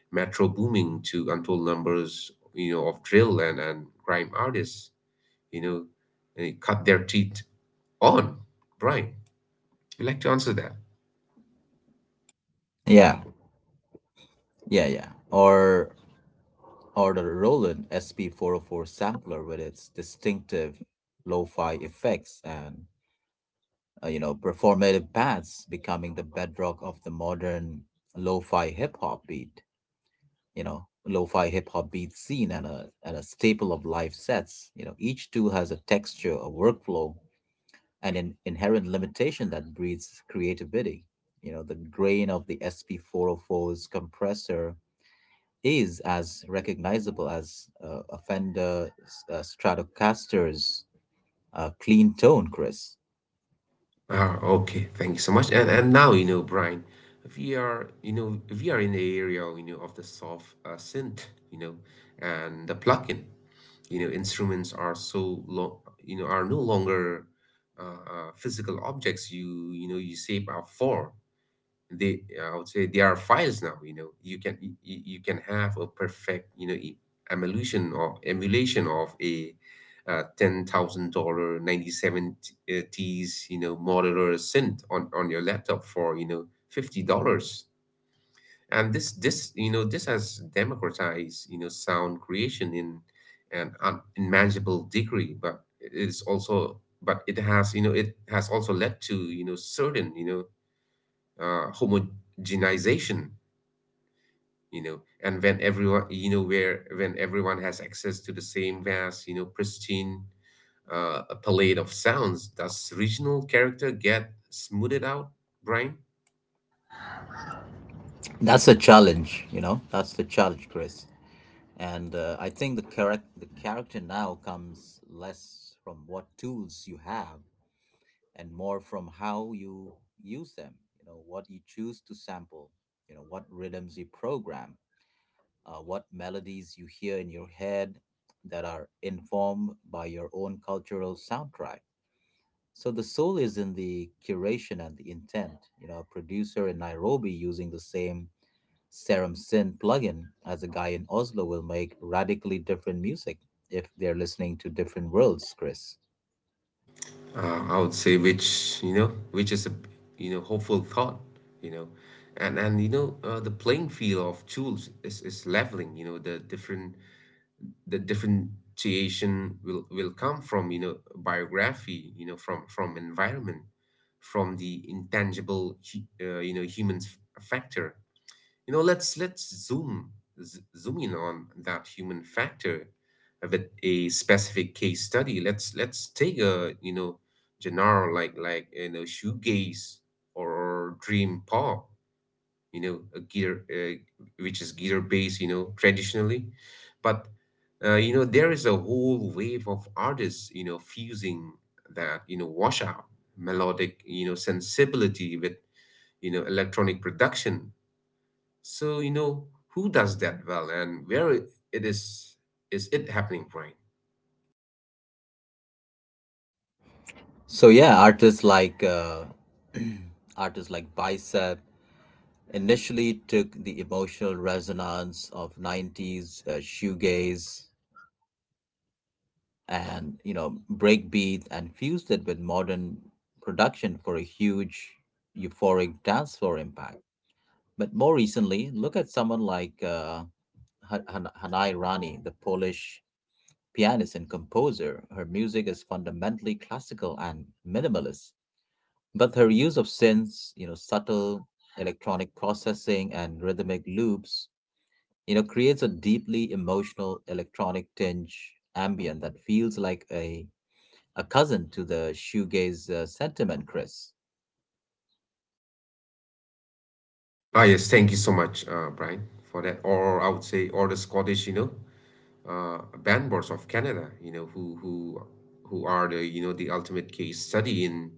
S2: Metro Booming to untold numbers, you know, of drill and and grime artists, you know, they cut their teeth on. Brian, you like to answer that?
S1: Yeah, yeah, yeah. Or or the Roland S P four oh four sampler with its distinctive lo-fi effects and, uh, you know, performative pads becoming the bedrock of the modern lo-fi hip hop beat. you know, lo-fi hip-hop beat scene, and a and a staple of live sets. You know, each tool has a texture, a workflow, and an inherent limitation that breeds creativity. You know, the grain of the sp four's compressor is as recognizable as uh, a Fender uh, Stratocaster's uh, clean tone, Chris.
S2: Ah, okay. Thank you so much. And and now, you know, Brian, if we are you know if we are in the area, you know, of the soft uh, synth, you know, and the plugin. You know, instruments are so long, you know, are no longer uh, uh, physical objects. You you know you shape are for they I would say, they are files now. You know, you can you, you can have a perfect, you know, e- emulation or emulation of a uh, ten thousand dollar ninety seven T's, you know, modular synth on on your laptop for, you know, fifty dollars. And this this, you know, this has democratized, you know, sound creation in an unimaginable degree. But it's also, but it has, you know, it has also led to, you know, certain, you know, uh, homogenization, you know. And when everyone, you know, where when everyone has access to the same vast, you know, pristine uh, palette of sounds, does regional character get smoothed out, Brian?
S1: That's the challenge, you know. That's the challenge, Chris. And uh, I think the character the character now comes less from what tools you have and more from how you use them. You know, what you choose to sample, you know, what rhythms you program, uh, what melodies you hear in your head that are informed by your own cultural soundtrack. So the soul is in the curation and the intent. You know, a producer in Nairobi using the same Serum synth plugin as a guy in Oslo will make radically different music if they're listening to different worlds, Chris.
S2: uh, I would say, which, you know, which is a, you know, hopeful thought, you know. And and you know, uh, the playing field of tools is, is leveling. You know, the different, the differentiation will will come from, you know, biography, you know, from from environment, from the intangible hu- uh, you know, humans factor. You know, let's let's zoom, z- zoom in on that human factor with a specific case study. Let's let's take a, you know, genre like like you know, shoegaze or dream pop. You know, a guitar, uh, which is guitar based. You know, traditionally, but uh, you know, there is a whole wave of artists, you know, fusing that, you know, washout melodic, you know, sensibility with, you know, electronic production. So, you know, who does that well, and where it it is is it happening, Brian?
S1: So yeah, artists like uh, artists like Bicep initially took the emotional resonance of nineties uh, shoegaze and, you know, breakbeat and fused it with modern production for a huge, euphoric dance floor impact. But more recently, look at someone like uh, Han- Han- Hanai Rani, the Polish pianist and composer. Her music is fundamentally classical and minimalist. But her use of synths, you know, subtle electronic processing and rhythmic loops, you know, creates a deeply emotional electronic tinge ambient that feels like a a cousin to the shoegaze uh, sentiment, Chris.
S2: Ah yes, thank you so much, uh, Brian, for that. Or I would say, or the Scottish, you know, uh, bandboards of Canada, you know, who who who are, the you know, the ultimate case study in,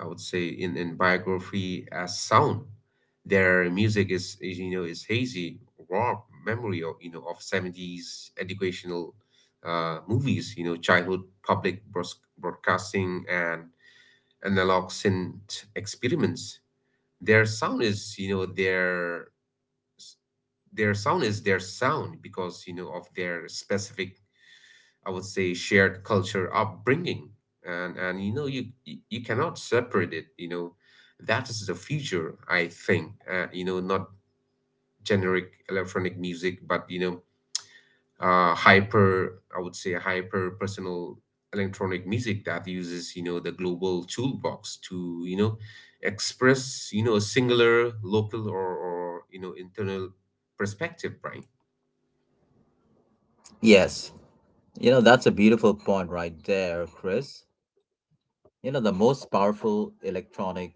S2: I would say, in in biography as sound. Their music is, is you know, is hazy, raw memory of, you know, of seventies educational uh, movies, you know, childhood public broadcasting, and analog experiments. Their sound is, you know, their their sound is their sound because, you know, of their specific, I would say, shared culture upbringing, and and you know, you you you cannot separate it. You know, that is the future, I think. Uh, you know, not generic electronic music, but, you know, uh, hyper, I would say, hyper personal electronic music that uses, you know, the global toolbox to, you know, express, you know, a singular local, or, or you know, internal perspective, right?
S1: Yes, you know, that's a beautiful point right there, Chris. You know, the most powerful electronic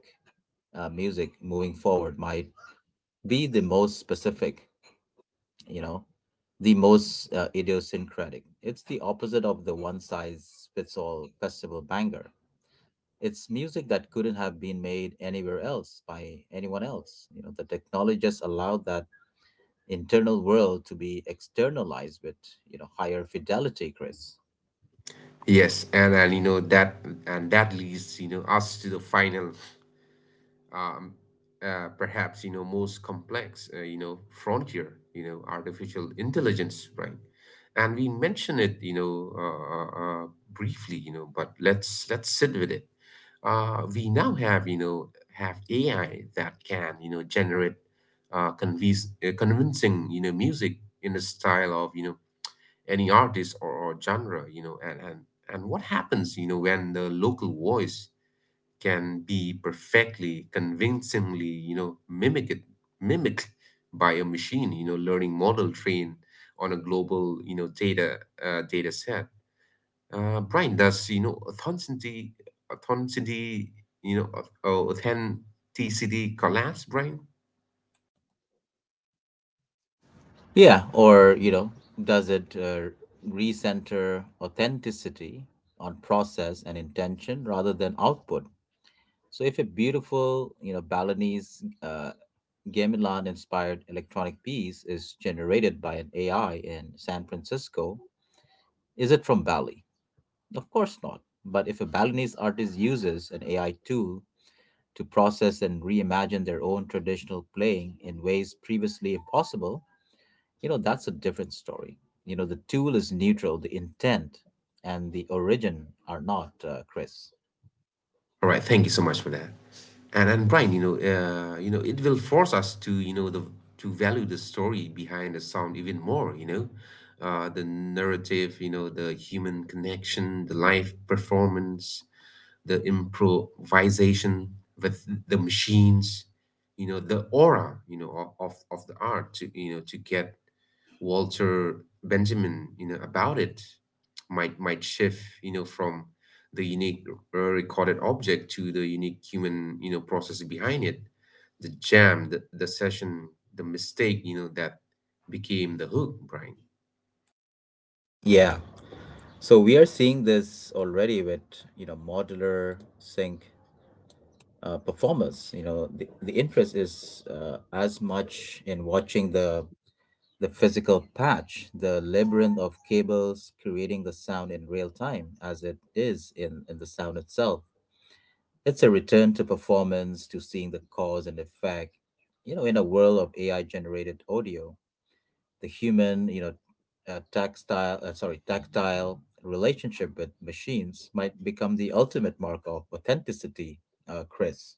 S1: uh, music moving forward might be the most specific, you know, the most uh, idiosyncratic. It's the opposite of the one size fits all festival banger. It's music that couldn't have been made anywhere else by anyone else. You know, the technology just allowed that internal world to be externalized with, you know, higher fidelity, Chris.
S2: Yes, and and you know, that and that leads, you know, us to the final um, uh, perhaps, you know, most complex, uh, you know, frontier, you know, artificial intelligence, right? And we mention it, you know uh, uh, uh, briefly, you know, but let's let's sit with it. Uh, we now have, you know have A I that can, you know, generate, uh, convince, uh, convincing, you know, music in the style of, you know, any artist or, or genre, you know. and and and what happens, you know, when the local voice can be perfectly, convincingly, you know, mimicked mimicked by a machine, you know, learning model trained on a global, you know, data, uh, data set, uh, Brian? Does, you know, authenticity authenticity you know au- authenticity collapse, Brian?
S1: Yeah, or, you know, does it uh, recenter authenticity on process and intention rather than output? So if a beautiful, you know, Balinese uh, gamelan inspired electronic piece is generated by an A I in San Francisco, is it from Bali? Of course not. But if a Balinese artist uses an A I tool to process and reimagine their own traditional playing in ways previously impossible, you know, that's a different story. You know, the tool is neutral, the intent and the origin are not, uh, Chris.
S2: All right, thank you so much for that. And and Brian, you know, uh, you know, it will force us to, you know, the to value the story behind the sound even more. You know, uh, the narrative, you know, the human connection, the live performance, the improvisation with the machines, you know, the aura, you know, of, of the art to, you know, to get Walter Benjamin, you know, about it, might might shift, you know, from the unique uh, recorded object to the unique human, you know, process behind it. The jam, the, the session, the mistake, you know, that became the hook, Brian.
S1: Yeah. So we are seeing this already with, you know, modular sync uh, performers. You know, the, the interest is, uh, as much in watching the the physical patch, the labyrinth of cables creating the sound in real time as it is in, in the sound itself. It's a return to performance, to seeing the cause and effect. You know, in a world of A I generated audio, the human, you know, uh, tactile, uh, sorry, tactile relationship with machines might become the ultimate mark of authenticity, uh, Chris.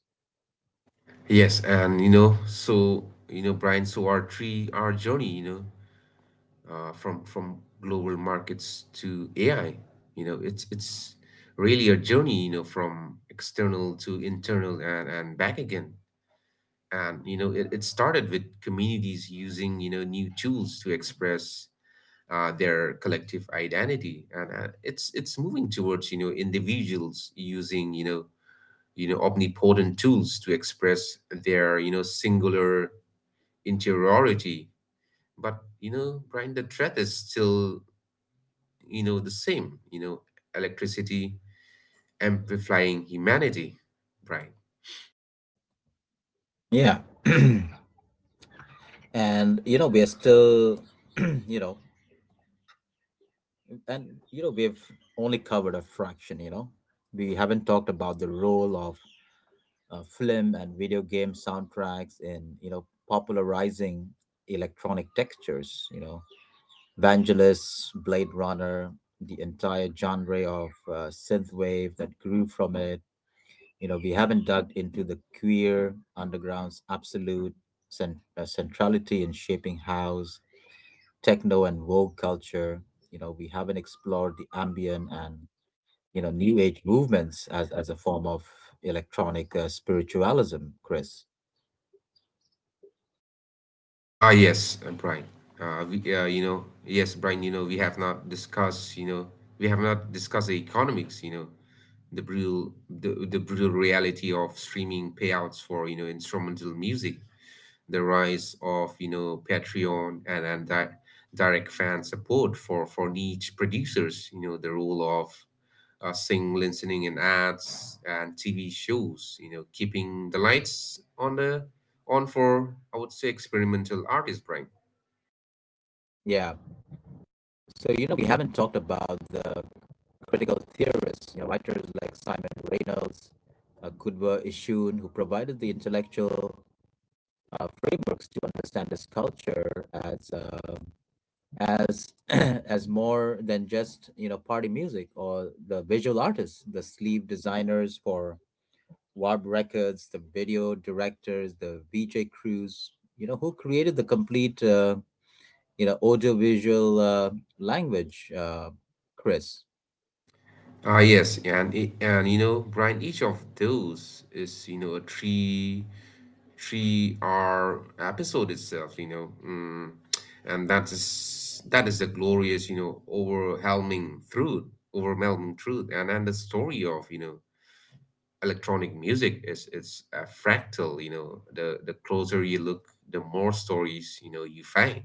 S2: Yes, and you know, so, you know, Brian, so our three our journey, you know, uh, from from global markets to A I. You know, it's it's really a journey. You know, from external to internal, and and back again. And you know, it, it started with communities using, you know, new tools to express uh, their collective identity, and uh, it's it's moving towards, you know, individuals using, you know you know, omnipotent tools to express their, you know, singular interiority. But you know, Brian, the threat is still, you know, the same, you know, electricity amplifying humanity, Brian.
S1: Yeah. And, you know, we are still, you know, and, you know, we've only covered a fraction, you know. We haven't talked about the role of uh, film and video game soundtracks and, you know, popularizing electronic textures, you know, Vangelis, Blade Runner, the entire genre of uh, synthwave that grew from it. You know, we haven't dug into the queer underground's absolute cent- uh, centrality in shaping house, techno and woke culture. You know, we haven't explored the ambient and, you know, new age movements as as a form of electronic uh, spiritualism, Chris.
S2: Ah, yes, uh, Brian. Uh, we, uh, you know, yes, Brian, you know, we have not discussed, you know, we have not discussed the economics, you know, the brutal, the, the brutal reality of streaming payouts for, you know, instrumental music, the rise of, you know, Patreon and, and di- direct fan support for, for niche producers, you know, the role of uh, sing listening in ads and T V shows, you know, keeping the lights on the on for I would say experimental artist brain.
S1: Yeah, so, you know, we haven't talked about the critical theorists, you know, writers like Simon Reynolds, uh, Kudwa Ishun, who provided the intellectual uh, frameworks to understand this culture as uh, as as more than just, you know, party music. Or the visual artists, the sleeve designers for Warp Records, the video directors, the V J crews, you know, who created the complete uh, you know, audiovisual uh, language, uh, Chris.
S2: Ah, yes, and e- and you know Brian, each of those is you know a three three hour episode itself, you know, mm, and that is that is the glorious, you know, overwhelming truth, overwhelming truth, and and the story of, you know, electronic music is it's a fractal. You know, the the closer you look the more stories you know you find.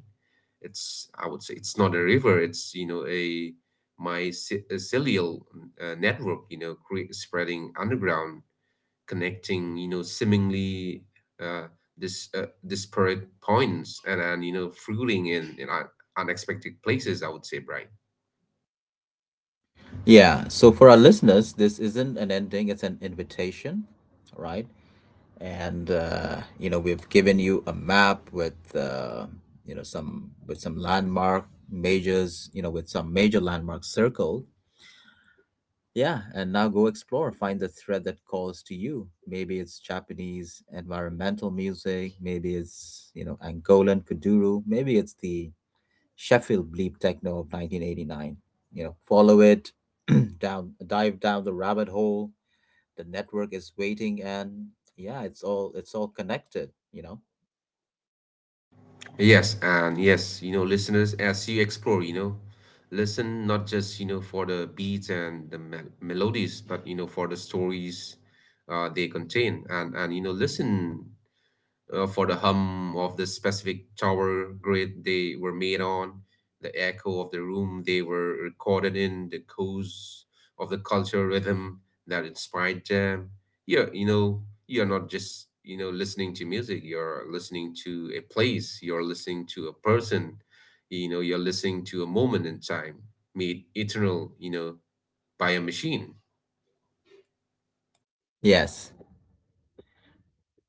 S2: It's I would say it's not a river, it's, you know, a my ce- a cellular uh, network, you know, cre- spreading underground, connecting, you know, seemingly uh, this uh, disparate points, and and you know fruiting in in un- unexpected places, I would say, Brian.
S1: Yeah, so for our listeners, this isn't an ending, it's an invitation, right? And, uh, you know, we've given you a map with, uh, you know some with some landmark majors you know, with some major landmarks circled. Yeah, and now go explore, find the thread that calls to you. Maybe it's Japanese environmental music, maybe it's, you know, Angolan kuduro, maybe it's the Sheffield bleep techno of nineteen eighty-nine. You know, follow it, down, dive down the rabbit hole. The network is waiting. And yeah, it's all, it's all connected, you know.
S2: Yes, and yes, you know, listeners, as you explore, you know, listen not just, you know, for the beats and the mel melodies, but, you know, for the stories uh, they contain. And, and, you know, listen uh, for the hum of the specific tower grid they were made on, the echo of the room they were recorded in, the codes of the cultural rhythm that inspired them. Yeah, you know, you're not just you know listening to music. You're listening to a place. You're listening to a person. You know, you're listening to a moment in time made eternal. You know, by a machine.
S1: Yes,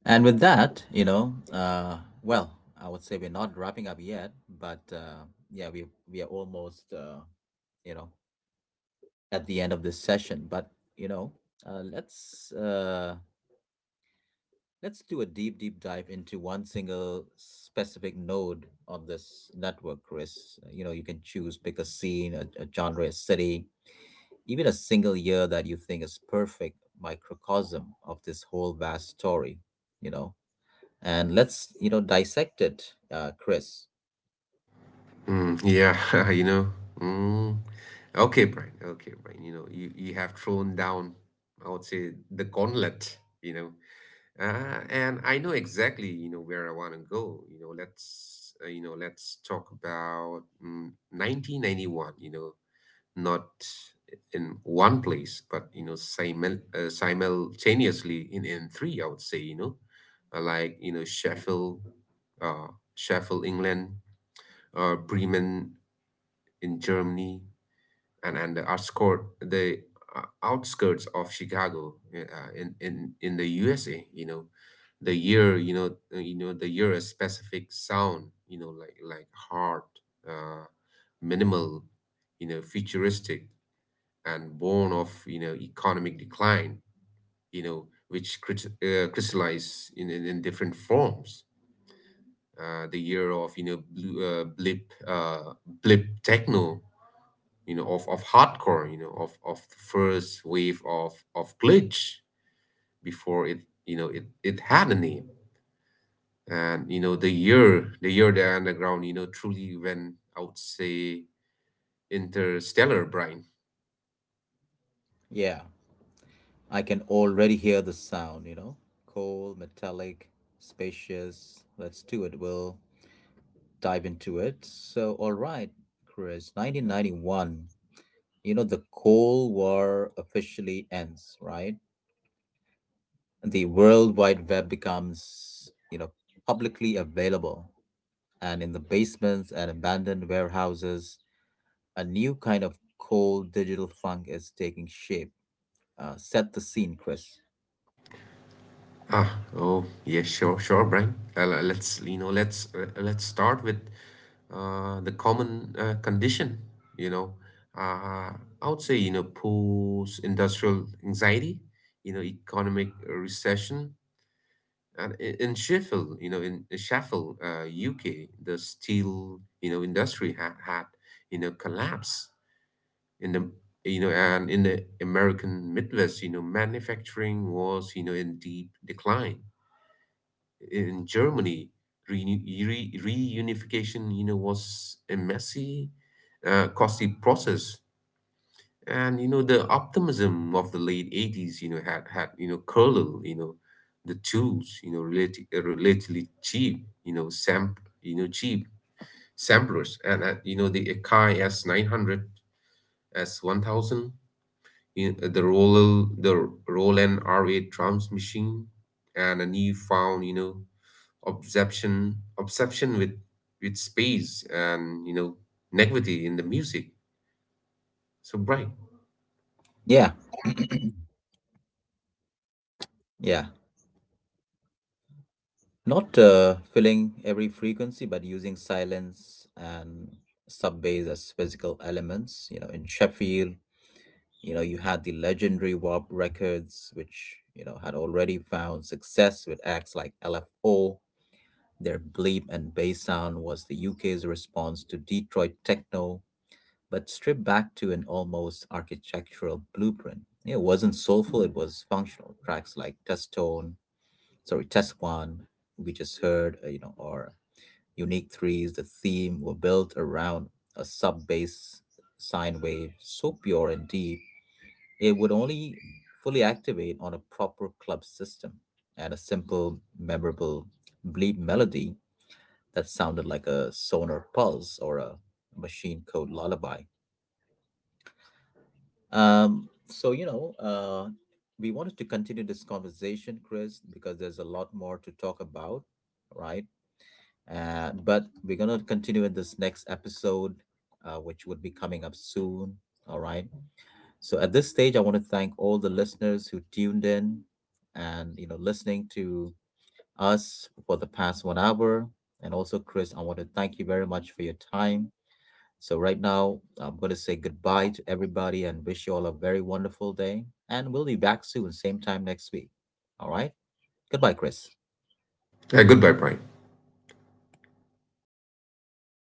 S1: and with that, you know, uh well, I would say we're not wrapping up yet, but uh yeah, we we are almost uh you know, at the end of this session. But, you know, uh let's uh let's do a deep deep dive into one single specific node on this network, Chris. You know, you can choose, pick a scene, a, a genre, a city, even a single year that you think is perfect microcosm of this whole vast story, you know? And let's, you know, dissect it, uh, Chris.
S2: Mm, yeah, you know. Mm. Okay, Brian. Okay, Brian. You know, you, you have thrown down, I would say, the gauntlet, you know. Uh, and I know exactly, you know, where I want to go. You know, let's, uh, you know, let's talk about mm, nineteen ninety-one, you know, not in one place, but, you know, simul uh, simultaneously in, in three, I would say, you know, uh, like, you know, Sheffield, uh, Sheffield, England, uh, Bremen in Germany, and and the outskirt the uh, outskirts of Chicago uh, in in in the U S A. You know, the year you know uh, you know the year a specific sound. You know, like like hard, uh, minimal, you know, futuristic and born of you know economic decline. You know, which crys- uh, crystallize in, in in different forms. Uh, the year of you know blue, uh, blip uh, blip techno, you know, of, of hardcore, you know, of, of the first wave of, of glitch before it you know it, it had a name, and you know the year the year the underground, you know, truly went, I would say, interstellar, Brian.
S1: Yeah, I can already hear the sound, you know? Cold, metallic, spacious. Let's do it. We'll dive into it. So, all right, Chris, nineteen ninety-one, you know, the Cold War officially ends, right? The World Wide Web becomes, you know, publicly available. And in the basements and abandoned warehouses, a new kind of cold digital funk is taking shape. Uh, set the scene, Chris.
S2: Oh, yeah, sure, sure, Brian. Uh, le- let's, you know, let's uh, let's start with uh, the common uh, condition. You know, uh, I would say, you know, post-industrial anxiety, you know, economic recession, and i- in Sheffield, you know, in Sheffield, uh, U K, the steel, you know, industry had had, you know, collapse in the, you know, and in the American Midwest, you know, manufacturing was, you know, in deep decline. In Germany, reuni- re- reunification, you know, was a messy, uh, costly process. And, you know, the optimism of the late eighties, you know, had, had, you know, curled, you know, the tools, you know, relative relatively cheap, you know, samp, you know, cheap samplers. And, uh, you know, the Akai S nine hundred, S one thousand, you know, the Roland, the Roland R eight drums machine, and a newfound, you know, obsession obsession with with space and you know negativity in the music so bright.
S1: Yeah, yeah. Not uh, filling every frequency, but using silence and sub bass as physical elements. You know, in Sheffield, you know, you had the legendary Warp Records, which, you know, had already found success with acts like L F O. Their bleep and bass sound was the U K's response to Detroit techno, but stripped back to an almost architectural blueprint. It wasn't soulful, it was functional. Tracks like Test Tone, sorry, Test One, we just heard, uh, you know, or Unique Threes, the theme, were built around a sub bass sine wave so pure and deep, it would only fully activate on a proper club system, and a simple, memorable bleep melody that sounded like a sonar pulse or a machine code lullaby. Um, so, you know, uh, we wanted to continue this conversation, Chris, because there's a lot more to talk about, right? Uh, but we're going to continue in this next episode, uh, which would be coming up soon. All right. So at this stage, I want to thank all the listeners who tuned in and, you know, listening to us for the past one hour. And also, Chris, I want to thank you very much for your time. So, right now, I'm going to say goodbye to everybody and wish you all a very wonderful day. And we'll be back soon, same time next week. All right. Goodbye, Chris.
S2: Uh, goodbye, Brian.